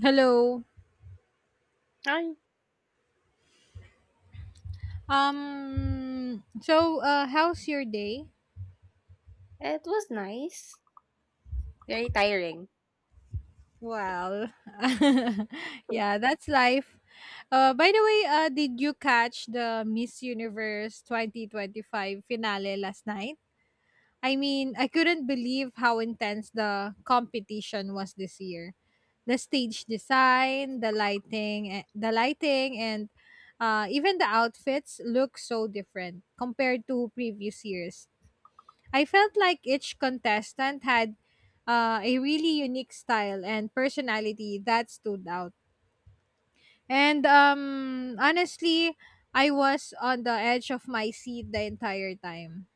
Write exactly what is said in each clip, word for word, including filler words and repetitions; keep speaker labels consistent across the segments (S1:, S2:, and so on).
S1: Hello.
S2: I
S1: Um so uh how's your day?
S2: It was nice. Very tiring.
S1: Well, yeah, that's life. Uh by the way, uh did you catch the Miss Universe twenty twenty-five finale last night? I mean, I couldn't believe how intense the competition was this year. The stage design, the lighting, eh, the lighting and uh even the outfits look so different compared to previous years. I felt like each contestant had uh, a really unique style and personality that stood out. And um, honestly, I was on the edge of my seat the entire time.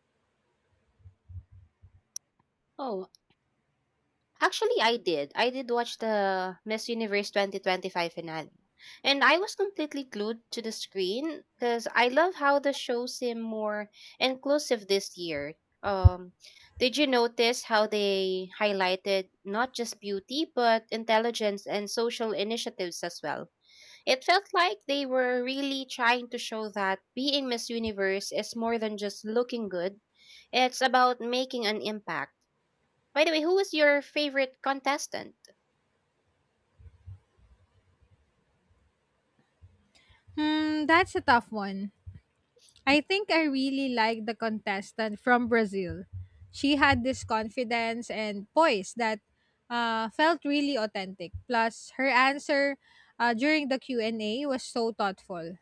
S2: Oh, actually I did. I did watch the Miss Universe twenty twenty-five finale. And I was completely glued to the screen because I love how the show seemed more inclusive this year. Um, did you notice how they highlighted not just beauty but intelligence and social initiatives as well? It felt like they were really trying to show that being Miss Universe is more than just looking good. It's about making an impact. By the way, who was your favorite contestant?
S1: Hmm, that's a tough one. I think I really liked the contestant from Brazil. She had this confidence and poise that uh, felt really authentic. Plus, her answer uh, during the Q and A was so thoughtful.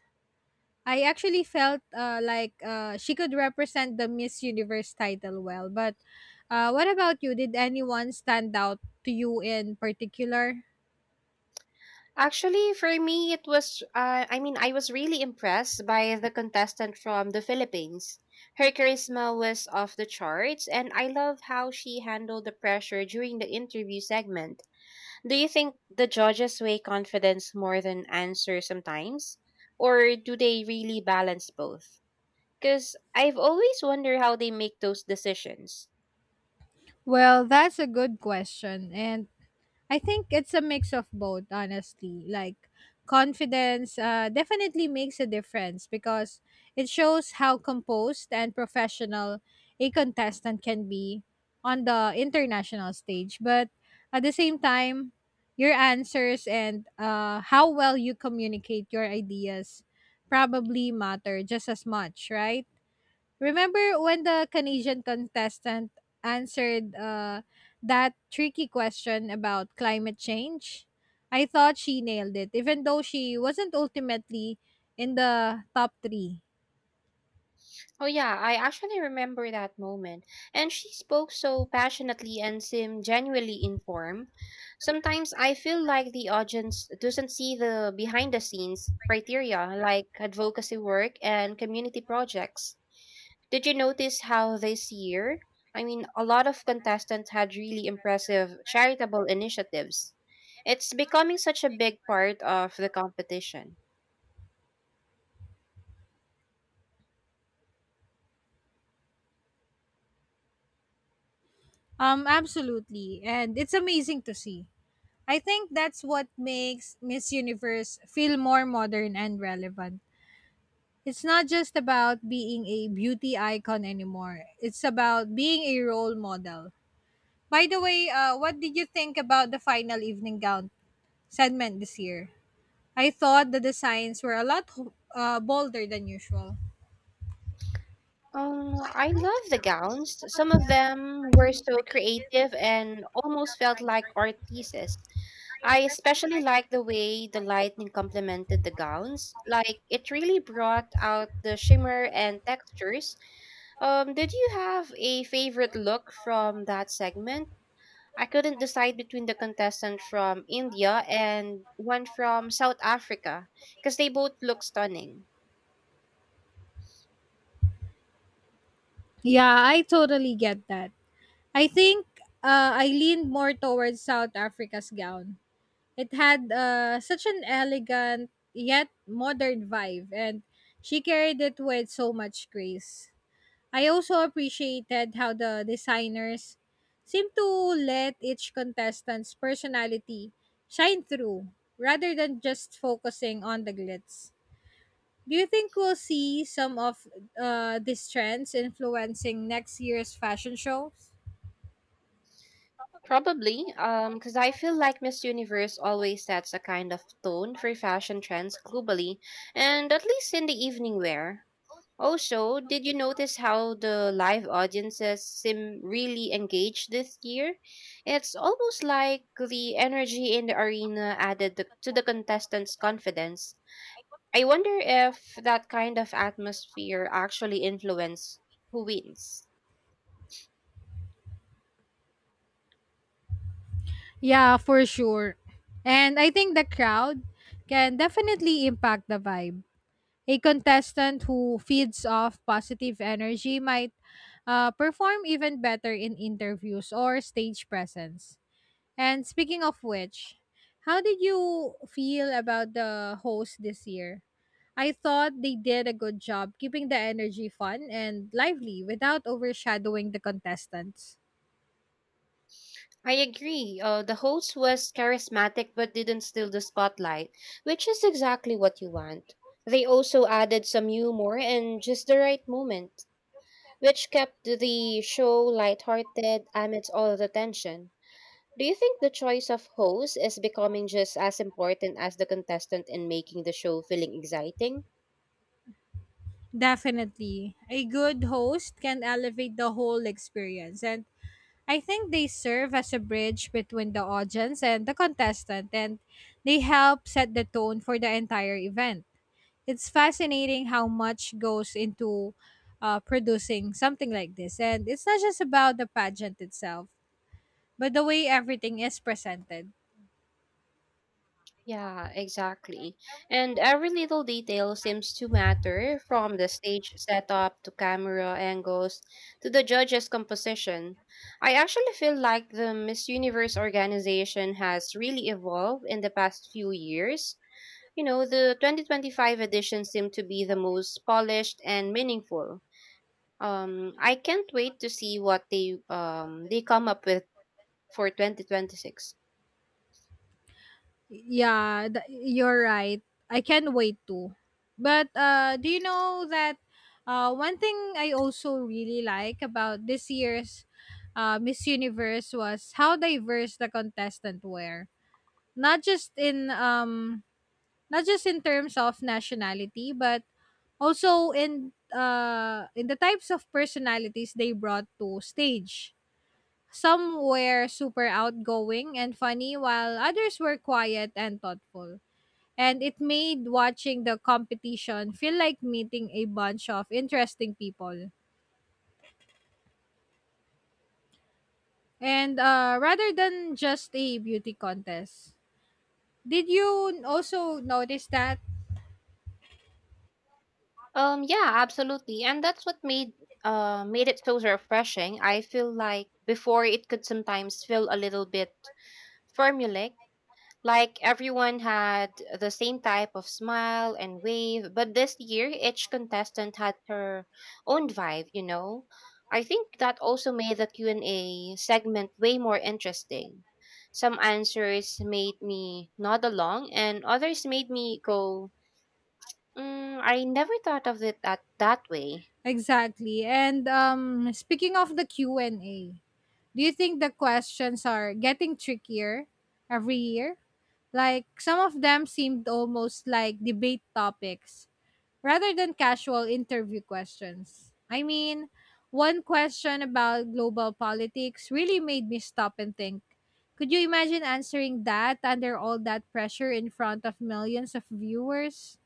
S1: I actually felt uh, like uh, she could represent the Miss Universe title well. But uh, what about you? Did anyone stand out to you in particular?
S2: Actually, for me, it was, uh, I mean, I was really impressed by the contestant from the Philippines. Her charisma was off the charts, and I love how she handled the pressure during the interview segment. Do you think the judges weigh confidence more than answer sometimes? Or do they really balance both? Because I've always wondered how they make those decisions.
S1: Well, that's a good question. And I think it's a mix of both, honestly. Like confidence uh, definitely makes a difference because it shows how composed and professional a contestant can be on the international stage. But at the same time, your answers and uh, how well you communicate your ideas probably matter just as much, right? Remember when the Canadian contestant answered uh, that tricky question about climate change? I thought she nailed it, even though she wasn't ultimately in the top three.
S2: Oh yeah, I actually remember that moment. And she spoke so passionately and seemed genuinely informed. Sometimes I feel like the audience doesn't see the behind the scenes criteria like advocacy work and community projects. Did you notice how this year, I mean, a lot of contestants had really impressive charitable initiatives. It's becoming such a big part of the competition.
S1: Um, absolutely. And it's amazing to see. I think that's what makes Miss Universe feel more modern and relevant. It's not just about being a beauty icon anymore. It's about being a role model. By the way, uh, what did you think about the final evening gown segment this year? I thought the designs were a lot uh, bolder than usual.
S2: Um, I love the gowns. Some of them were so creative and almost felt like art pieces. I especially like the way the lighting complemented the gowns. Like it really brought out the shimmer and textures. Um, did you have a favorite look from that segment? I couldn't decide between the contestant from India and one from South Africa because they both look stunning.
S1: Yeah, I totally get that. I think uh, I leaned more towards South Africa's gown. It had uh, such an elegant yet modern vibe, and she carried it with so much grace. I also appreciated how the designers seemed to let each contestant's personality shine through rather than just focusing on the glitz. Do you think we'll see some of uh, these trends influencing next year's fashion shows?
S2: Probably, um, because I feel like Miss Universe always sets a kind of tone for fashion trends globally, and at least in the evening wear. Also, did you notice how the live audiences seem really engaged this year? It's almost like the energy in the arena added the, to the contestants' confidence. I wonder if that kind of atmosphere actually influences who wins.
S1: Yeah, for sure. And I think the crowd can definitely impact the vibe. A contestant who feeds off positive energy might uh, perform even better in interviews or stage presence. And speaking of which, how did you feel about the host this year? I thought they did a good job keeping the energy fun and lively without overshadowing the contestants.
S2: I agree. Uh, the host was charismatic but didn't steal the spotlight, which is exactly what you want. They also added some humor and just the right moment, which kept the show lighthearted amidst all the tension. Do you think the choice of host is becoming just as important as the contestant in making the show feeling exciting?
S1: Definitely. A good host can elevate the whole experience, and I think they serve as a bridge between the audience and the contestant, and they help set the tone for the entire event. It's fascinating how much goes into uh, producing something like this. And it's not just about the pageant itself, but the way everything is presented.
S2: Yeah, exactly. And every little detail seems to matter from the stage setup to camera angles to the judges' composition. I actually feel like the Miss Universe organization has really evolved in the past few years. You know, the twenty twenty-five edition seemed to be the most polished and meaningful. Um, I can't wait to see what they um they come up with for twenty twenty-six.
S1: Yeah, th- you're right. I can't wait to. But uh, do you know that uh, one thing I also really like about this year's uh, Miss Universe was how diverse the contestant were. Not just in um not just in terms of nationality, but also in uh in the types of personalities they brought to stage. Some were super outgoing and funny while others were quiet and thoughtful, and it made watching the competition feel like meeting a bunch of interesting people, and uh rather than just a beauty contest. Did you also notice that?
S2: Um, yeah, absolutely. And that's what made uh made it so refreshing. I feel like before it could sometimes feel a little bit formulaic, like everyone had the same type of smile and wave, but this year each contestant had her own vibe, you know. I think that also made the Q and A segment way more interesting. Some answers made me nod along and others made me go, mm, I never thought of it that, that way.
S1: Exactly. and um Speaking of the Q&A, do you think the questions are getting trickier every year? Like, some of them seemed almost like debate topics rather than casual interview questions. I mean, one question about global politics really made me stop and think. Could you imagine answering that under all that pressure in front of millions of viewers?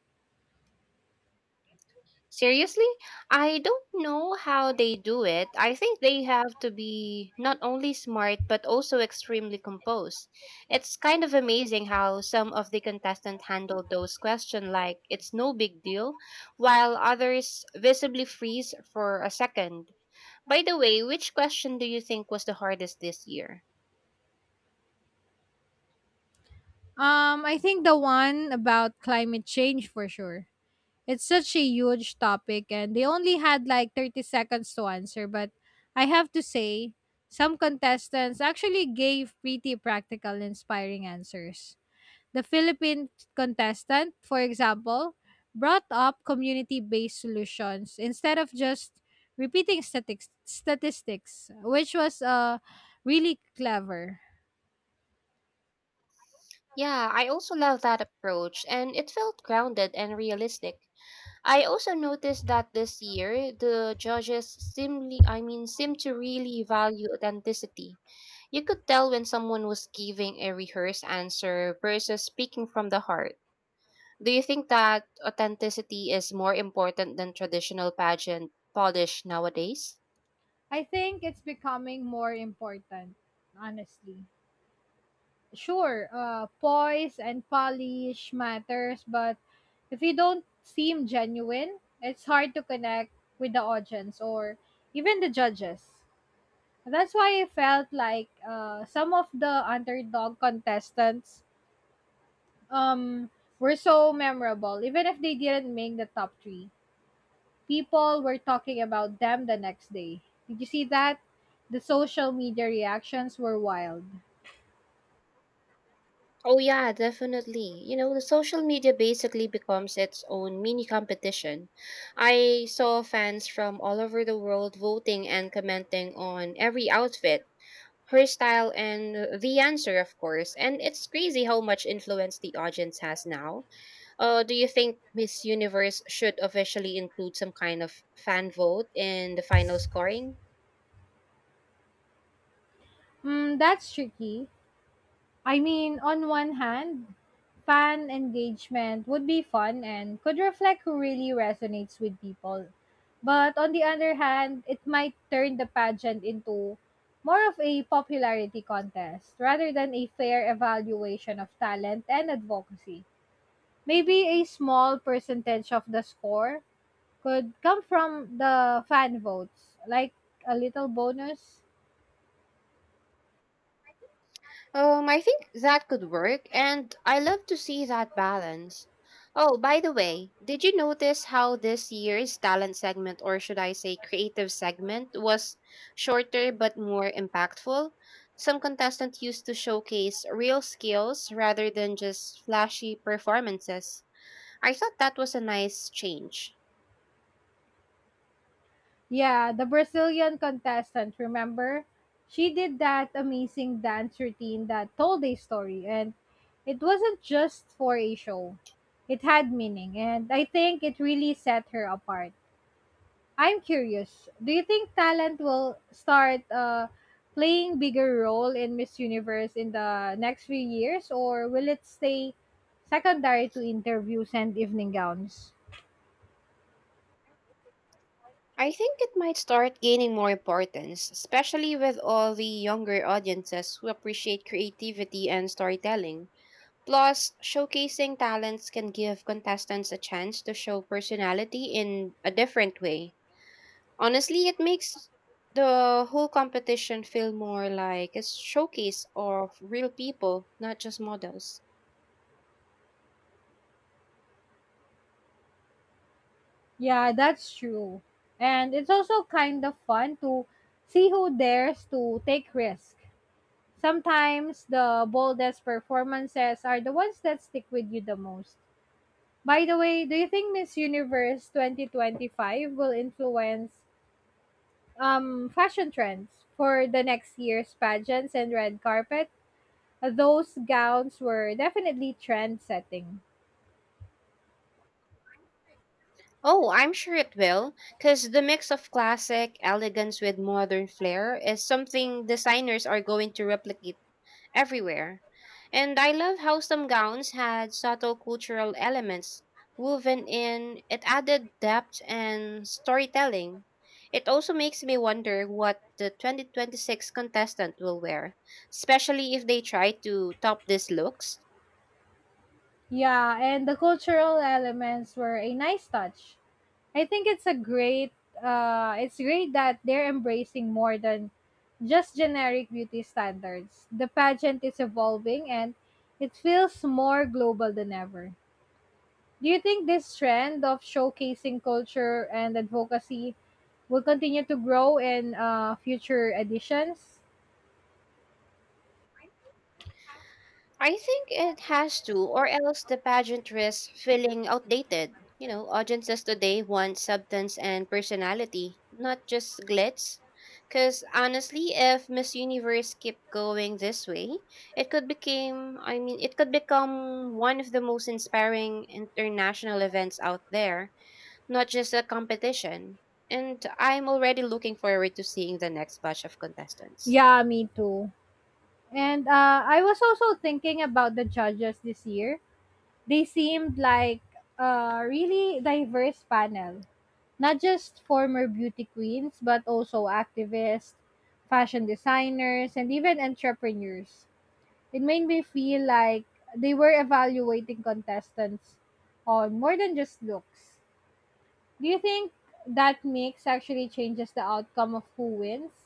S2: Seriously? I don't know how they do it. I think they have to be not only smart but also extremely composed. It's kind of amazing how some of the contestants handle those questions like it's no big deal, while others visibly freeze for a second. By the way, which question do you think was the hardest this year?
S1: Um, I think the one about climate change, for sure. It's such a huge topic, and they only had like thirty seconds to answer. But I have to say, some contestants actually gave pretty practical, inspiring answers. The Philippine contestant, for example, brought up community based solutions instead of just repeating statics, statistics, which was uh, really clever.
S2: Yeah, I also love that approach, and it felt grounded and realistic. I also noticed that this year the judges seemly I mean seem to really value authenticity. You could tell when someone was giving a rehearsed answer versus speaking from the heart. Do you think that authenticity is more important than traditional pageant polish nowadays?
S1: I think it's becoming more important, honestly. Sure, uh, poise and polish matters, but if you don't seem genuine, it's hard to connect with the audience or even the judges. That's why I felt like uh, some of the underdog contestants um, were so memorable, even if they didn't make the top three. People were talking about them the next day. Did you see that? The social media reactions were wild.
S2: Oh yeah, definitely. You know, the social media basically becomes its own mini competition. I saw fans from all over the world voting and commenting on every outfit her style and uh, the answer of course and it's crazy how much influence the audience has now. Uh, do you think miss universe should officially include some kind of fan vote in the final scoring?
S1: Mm, that's tricky. I mean, on one hand, fan engagement would be fun and could reflect who really resonates with people. But on the other hand, it might turn the pageant into more of a popularity contest rather than a fair evaluation of talent and advocacy. Maybe a small percentage of the score could come from the fan votes, like a little bonus.
S2: Um, I think that could work, and I love to see that balance. Oh, by the way, did you notice how this year's talent segment, or should I say creative segment, was shorter but more impactful? Some contestants used to showcase real skills rather than just flashy performances. I thought that was a nice change.
S1: Yeah, the Brazilian contestant, remember? She did that amazing dance routine that told a story, and it wasn't just for a show. It had meaning, and I think it really set her apart. I'm curious, do you think talent will start uh, playing bigger role in Miss Universe in the next few years, or will it stay secondary to interviews and evening gowns?
S2: I think it might start gaining more importance, especially with all the younger audiences who appreciate creativity and storytelling. Plus, showcasing talents can give contestants a chance to show personality in a different way. Honestly, it makes the whole competition feel more like a showcase of real people, not just models.
S1: Yeah, that's true. And it's also kind of fun to see who dares to take risks. Sometimes the boldest performances are the ones that stick with you the most. By the way, do you think Miss Universe twenty twenty-five will influence um, fashion trends for the next year's pageants and red carpet? Those gowns were definitely trend setting.
S2: Oh, I'm sure it will, because the mix of classic elegance with modern flair is something designers are going to replicate everywhere. And I love how some gowns had subtle cultural elements woven in. It added depth and storytelling. It also makes me wonder what the twenty twenty-six contestant will wear, especially if they try to top these looks.
S1: Yeah, and the cultural elements were a nice touch. I think it's a great uh it's great that they're embracing more than just generic beauty standards. The pageant is evolving, and it feels more global than ever. Do you think this trend of showcasing culture and advocacy will continue to grow in uh, future editions?
S2: I think it has to, or else the pageant risks feeling outdated. You know, audiences today want substance and personality, not just glitz. Because honestly, if Miss Universe kept going this way, it could become, I mean, it could become one of the most inspiring international events out there, not just a competition. And I'm already looking forward to seeing the next batch of contestants.
S1: Yeah, me too. And uh, I was also thinking about the judges this year. They seemed like a really diverse panel. Not just former beauty queens, but also activists, fashion designers, and even entrepreneurs. It made me feel like they were evaluating contestants on more than just looks. Do you think that mix actually changes the outcome of who wins?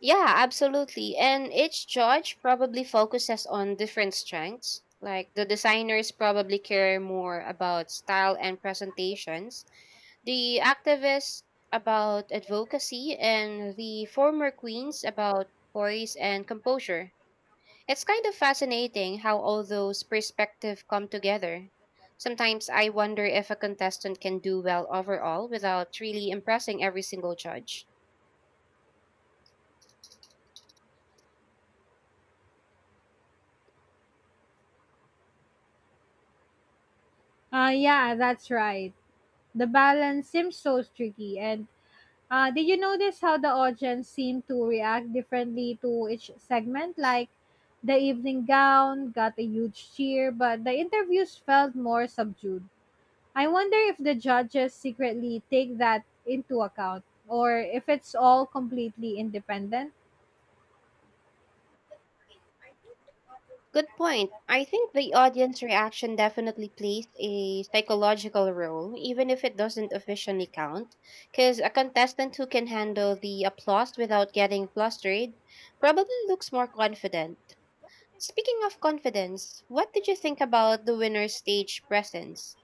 S2: Yeah, absolutely. And each judge probably focuses on different strengths. Like the designers probably care more about style and presentations, the activists about advocacy, and the former queens about poise and composure. It's kind of fascinating how all those perspectives come together. Sometimes I wonder if a contestant can do well overall without really impressing every single judge.
S1: Uh, yeah, that's right. The balance seems so tricky, and Uh, did you notice how the audience seemed to react differently to each segment? Like, the evening gown got a huge cheer, but the interviews felt more subdued. I wonder if the judges secretly take that into account or if it's all completely independent.
S2: Good point. I think the audience reaction definitely plays a psychological role, even if it doesn't officially count. Because a contestant who can handle the applause without getting flustered probably looks more confident. Speaking of confidence, what did you think about the winner's stage presence?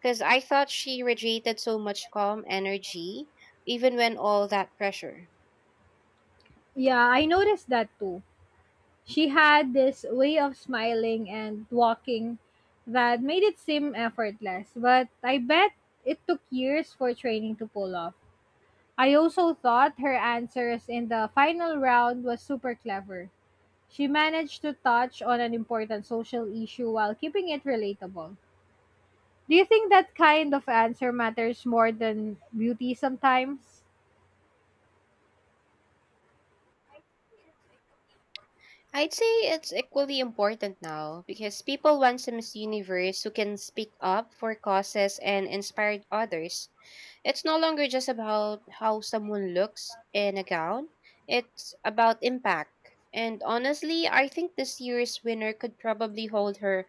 S2: Because I thought she radiated so much calm energy, even when all that pressure.
S1: Yeah, I noticed that too. She had this way of smiling and walking that made it seem effortless, but I bet it took years for training to pull off. I also thought her answers in the final round was super clever. She managed to touch on an important social issue while keeping it relatable. Do you think that kind of answer matters more than beauty sometimes?
S2: I'd say it's equally important now because people want some Miss Universe who can speak up for causes and inspire others. It's no longer just about how someone looks in a gown, it's about impact. And honestly, I think this year's winner could probably hold her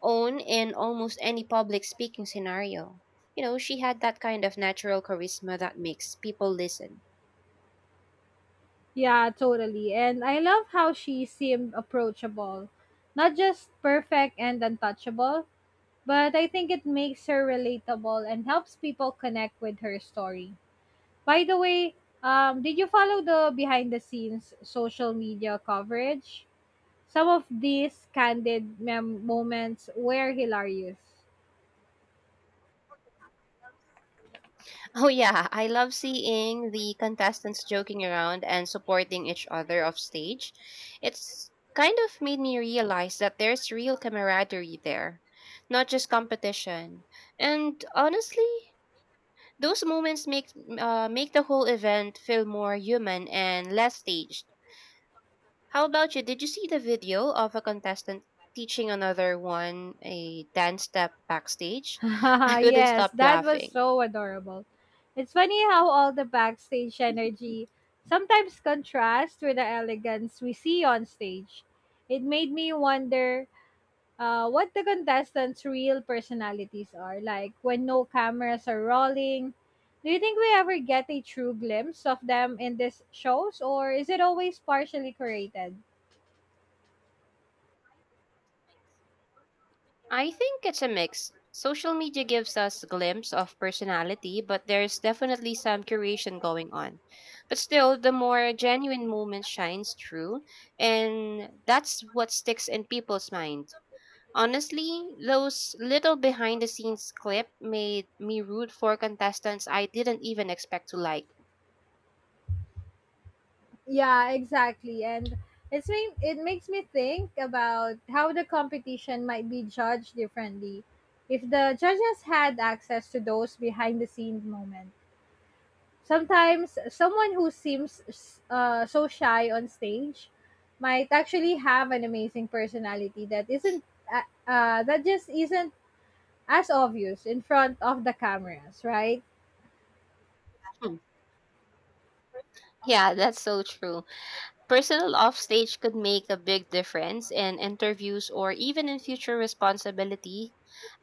S2: own in almost any public speaking scenario. You know, she had that kind of natural charisma that makes people listen.
S1: Yeah, totally. And I love how she seemed approachable. Not just perfect and untouchable, but I think it makes her relatable and helps people connect with her story. By the way, um, did you follow the behind the scenes social media coverage? Some of these candid mem- moments were hilarious.
S2: Oh yeah, I love seeing the contestants joking around and supporting each other off stage. It's kind of made me realize that there's real camaraderie there, not just competition. And honestly, those moments make uh, make the whole event feel more human and less staged. How about you? Did you see the video of a contestant teaching another one a dance step backstage? I couldn't
S1: Yes,
S2: stop
S1: that was
S2: laughing.
S1: so adorable. It's funny how all the backstage energy sometimes contrasts with the elegance we see on stage. It made me wonder uh, what the contestants' real personalities are like when no cameras are rolling. Do you think we ever get a true glimpse of them in these shows, or is it always partially created?
S2: I think it's a mix. Social media gives us a glimpse of personality, but there's definitely some curation going on. But still, the more genuine moment shines through, and that's what sticks in people's mind. Honestly, those little behind the scenes clip made me root for contestants I didn't even expect to like.
S1: Yeah, exactly. And it's me. it makes me think about how the competition might be judged differently if the judges had access to those behind the scenes moments. Sometimes someone who seems uh, so shy on stage might actually have an amazing personality that isn't uh, uh, that just isn't as obvious in front of the cameras, right?
S2: Hmm. Yeah, that's so true. Personal offstage could make a big difference in interviews or even in future responsibility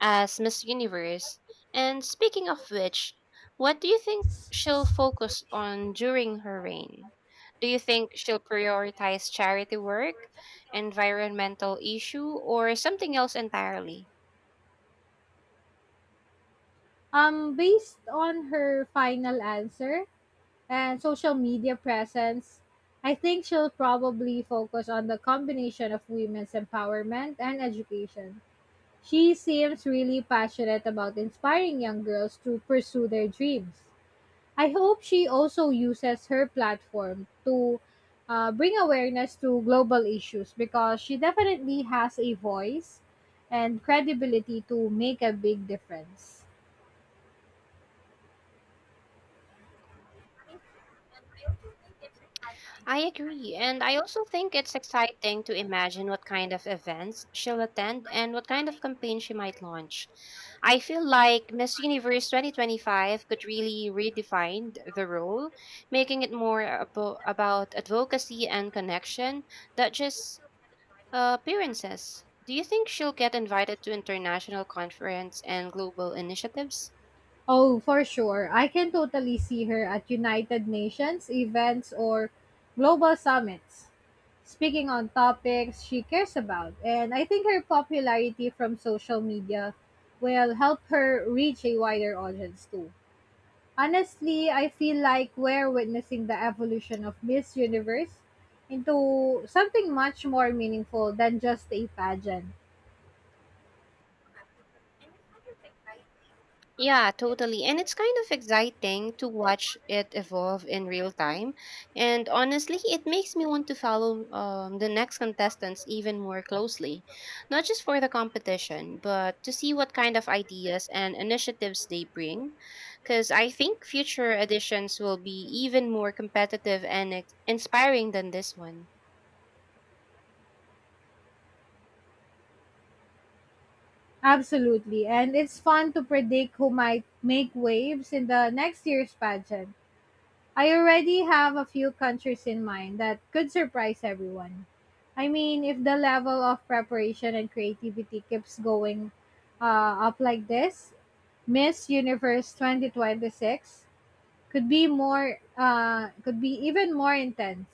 S2: as Miss Universe. And speaking of which, what do you think she'll focus on during her reign? Do you think she'll prioritize charity work, environmental issue, or something else entirely?
S1: Um, based on her final answer and social media presence, I think she'll probably focus on the combination of women's empowerment and education. She seems really passionate about inspiring young girls to pursue their dreams. I hope she also uses her platform to uh, bring awareness to global issues, because she definitely has a voice and credibility to make a big difference.
S2: I agree, and I also think it's exciting to imagine what kind of events she'll attend and what kind of campaign she might launch. I feel like Miss Universe twenty twenty-five could really redefine the role, making it more abo- about advocacy and connection than just uh, appearances. Do you think she'll get invited to international conference and global initiatives?
S1: Oh, for sure. I can totally see her at United Nations events or global summits, speaking on topics she cares about. And I think her popularity from social media will help her reach a wider audience too. Honestly, I feel like we're witnessing the evolution of Miss Universe into something much more meaningful than just a pageant.
S2: Yeah, totally. And it's kind of exciting to watch it evolve in real time. And honestly, it makes me want to follow um, the next contestants even more closely, not just for the competition, but to see what kind of ideas and initiatives they bring. Because I think future editions will be even more competitive and ex- inspiring than this one.
S1: Absolutely. And it's fun to predict who might make waves in the next year's pageant. I already have a few countries in mind that could surprise everyone. I mean, if the level of preparation and creativity keeps going uh, up like this, Miss Universe twenty twenty-six could be more uh, could be even more intense.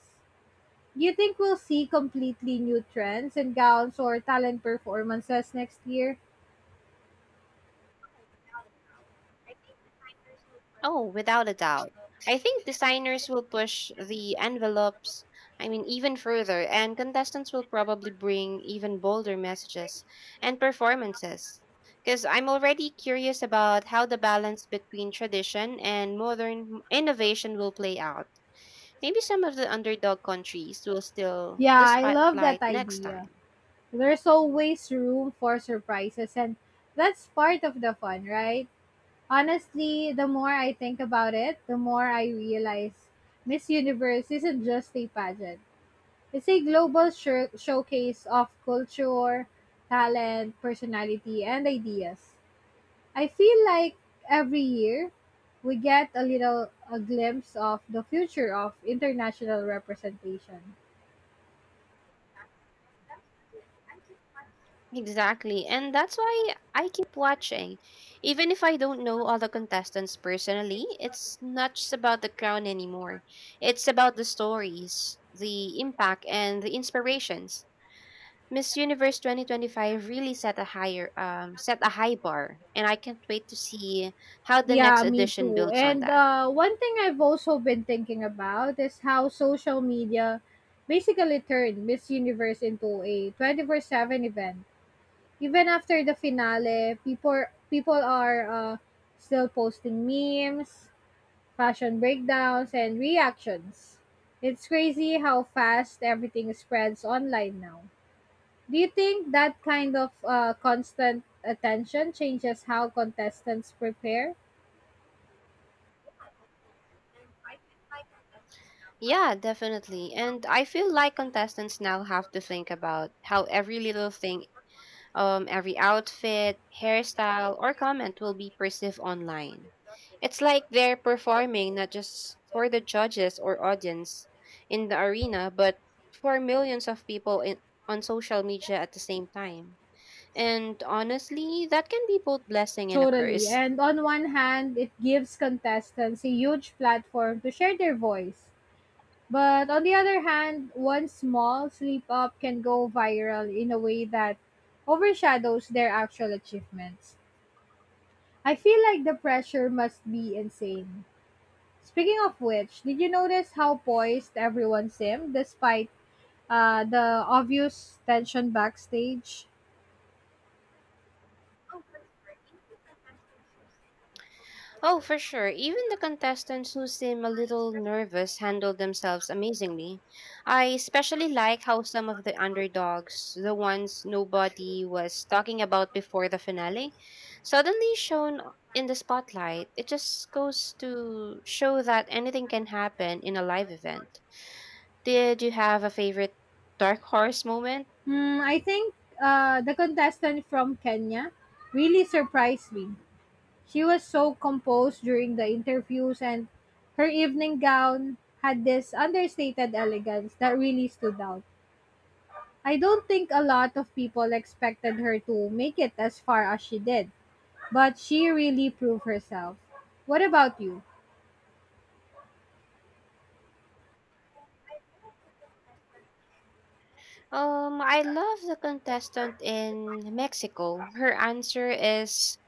S1: Do you think we'll see completely new trends in gowns or talent performances next year?
S2: Oh, without a doubt. I think designers will push the envelopes, I mean, even further, and contestants will probably bring even bolder messages and performances. Because I'm already curious about how the balance between tradition and modern innovation will play out. Maybe some of the underdog countries will steal
S1: Yeah,
S2: the
S1: I love that
S2: spotlight next
S1: idea.
S2: time.
S1: There's always room for surprises, and that's part of the fun, right? Honestly, the more I think about it, the more I realize Miss Universe isn't just a pageant. It's a global shir- showcase of culture, talent, personality, and ideas. I feel like every year we get a little a glimpse of the future of international representation.
S2: Exactly. And that's why I keep watching. Even if I don't know all the contestants personally, it's not just about the crown anymore. It's about the stories, the impact, and the inspirations. Miss Universe twenty twenty-five really set a higher um set a high bar, and I can't wait to see how the next
S1: Yeah, me
S2: edition
S1: too.
S2: builds on
S1: And
S2: that.
S1: uh, one thing I've also been thinking about is how social media basically turned Miss Universe into a twenty four seven event. Even after the finale, people people are uh, still posting memes, fashion breakdowns, and reactions. It's crazy how fast everything spreads online now. Do you think that kind of uh, constant attention changes how contestants prepare?
S2: Yeah, definitely. And I feel like contestants now have to think about how every little thing. Um, every outfit, hairstyle, or comment will be perceived online. It's like they're performing not just for the judges or audience in the arena, but for millions of people in, on social media at the same time. And honestly, that can be both blessing and a
S1: Totally.
S2: curse.
S1: And on one hand, it gives contestants a huge platform to share their voice. But on the other hand, one small slip up can go viral in a way that overshadows their actual achievements. I feel like the pressure must be insane. Speaking of which, did you notice how poised everyone seemed despite uh, the obvious tension backstage?
S2: Oh, for sure. Even the contestants who seem a little nervous handle themselves amazingly. I especially like how some of the underdogs, the ones nobody was talking about before the finale, suddenly shown in the spotlight. It just goes to show that anything can happen in a live event. Did you have a favorite dark horse moment?
S1: Hmm, I think uh, the contestant from Kenya really surprised me. She was so composed during the interviews, and her evening gown had this understated elegance that really stood out. I don't think a lot of people expected her to make it as far as she did, but she really proved herself. What about you?
S2: Um, I love the contestant in Mexico. Her answer is.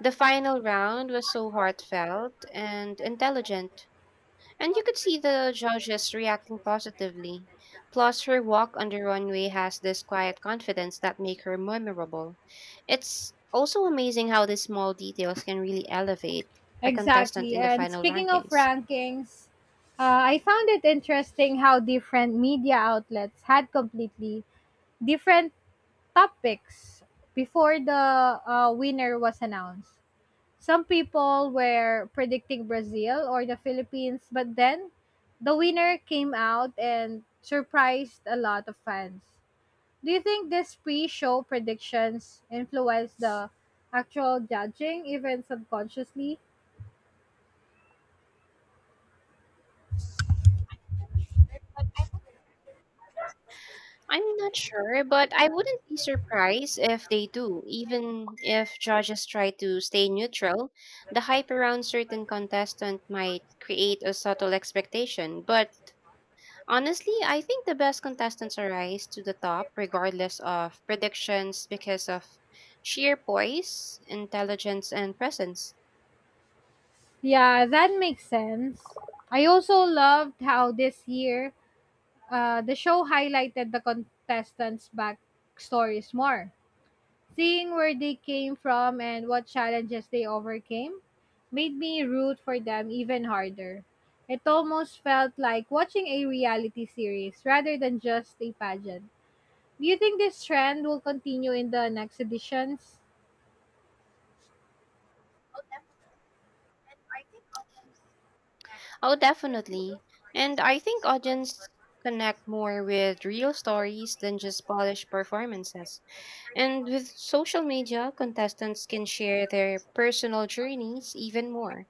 S2: The final round was so heartfelt and intelligent, and you could see the judges reacting positively. Plus, her walk on the runway has this quiet confidence that make her memorable. It's also amazing how these small details can really elevate a contestant
S1: Exactly.
S2: in the
S1: And
S2: final
S1: speaking of
S2: rankings.
S1: rankings, uh, I found it interesting how different media outlets had completely different topics before the uh, winner was announced. Some people were predicting Brazil or the Philippines, but then the winner came out and surprised a lot of fans. Do you think this pre show predictions influenced the actual judging, even subconsciously?
S2: I'm not sure, but I wouldn't be surprised if they do, even if judges try to stay neutral. The hype around certain contestant might create a subtle expectation, but honestly, I think the best contestants arise to the top regardless of predictions because of sheer poise, intelligence, and presence.
S1: Yeah, that makes sense. I also loved how this year uh, the show highlighted the contestants' backstories more. Seeing where they came from and what challenges they overcame made me root for them even harder. It almost felt like watching a reality series rather than just a pageant. Do you think this trend will continue in the next editions?
S2: Oh, definitely. And I think audience connect more with real stories than just polished performances. And with social media, contestants can share their personal journeys even more,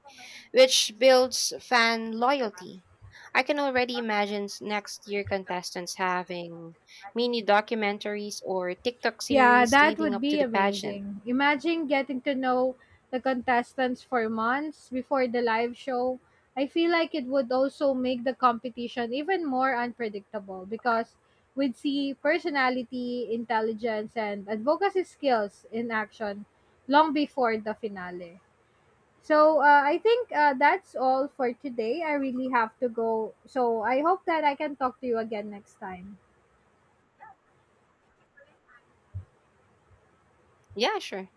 S2: which builds fan loyalty. I can already imagine s- next year contestants having mini documentaries or TikTok
S1: Yeah,
S2: series
S1: that
S2: leading
S1: would
S2: up to
S1: be
S2: the pageant.
S1: amazing. Imagine getting to know the contestants for months before the live show. I feel like it would also make the competition even more unpredictable because we'd see personality, intelligence, and advocacy skills in action long before the finale. So uh, I think uh, that's all for today. I really have to go. So I hope that I can talk to you again next time.
S2: Yeah, sure.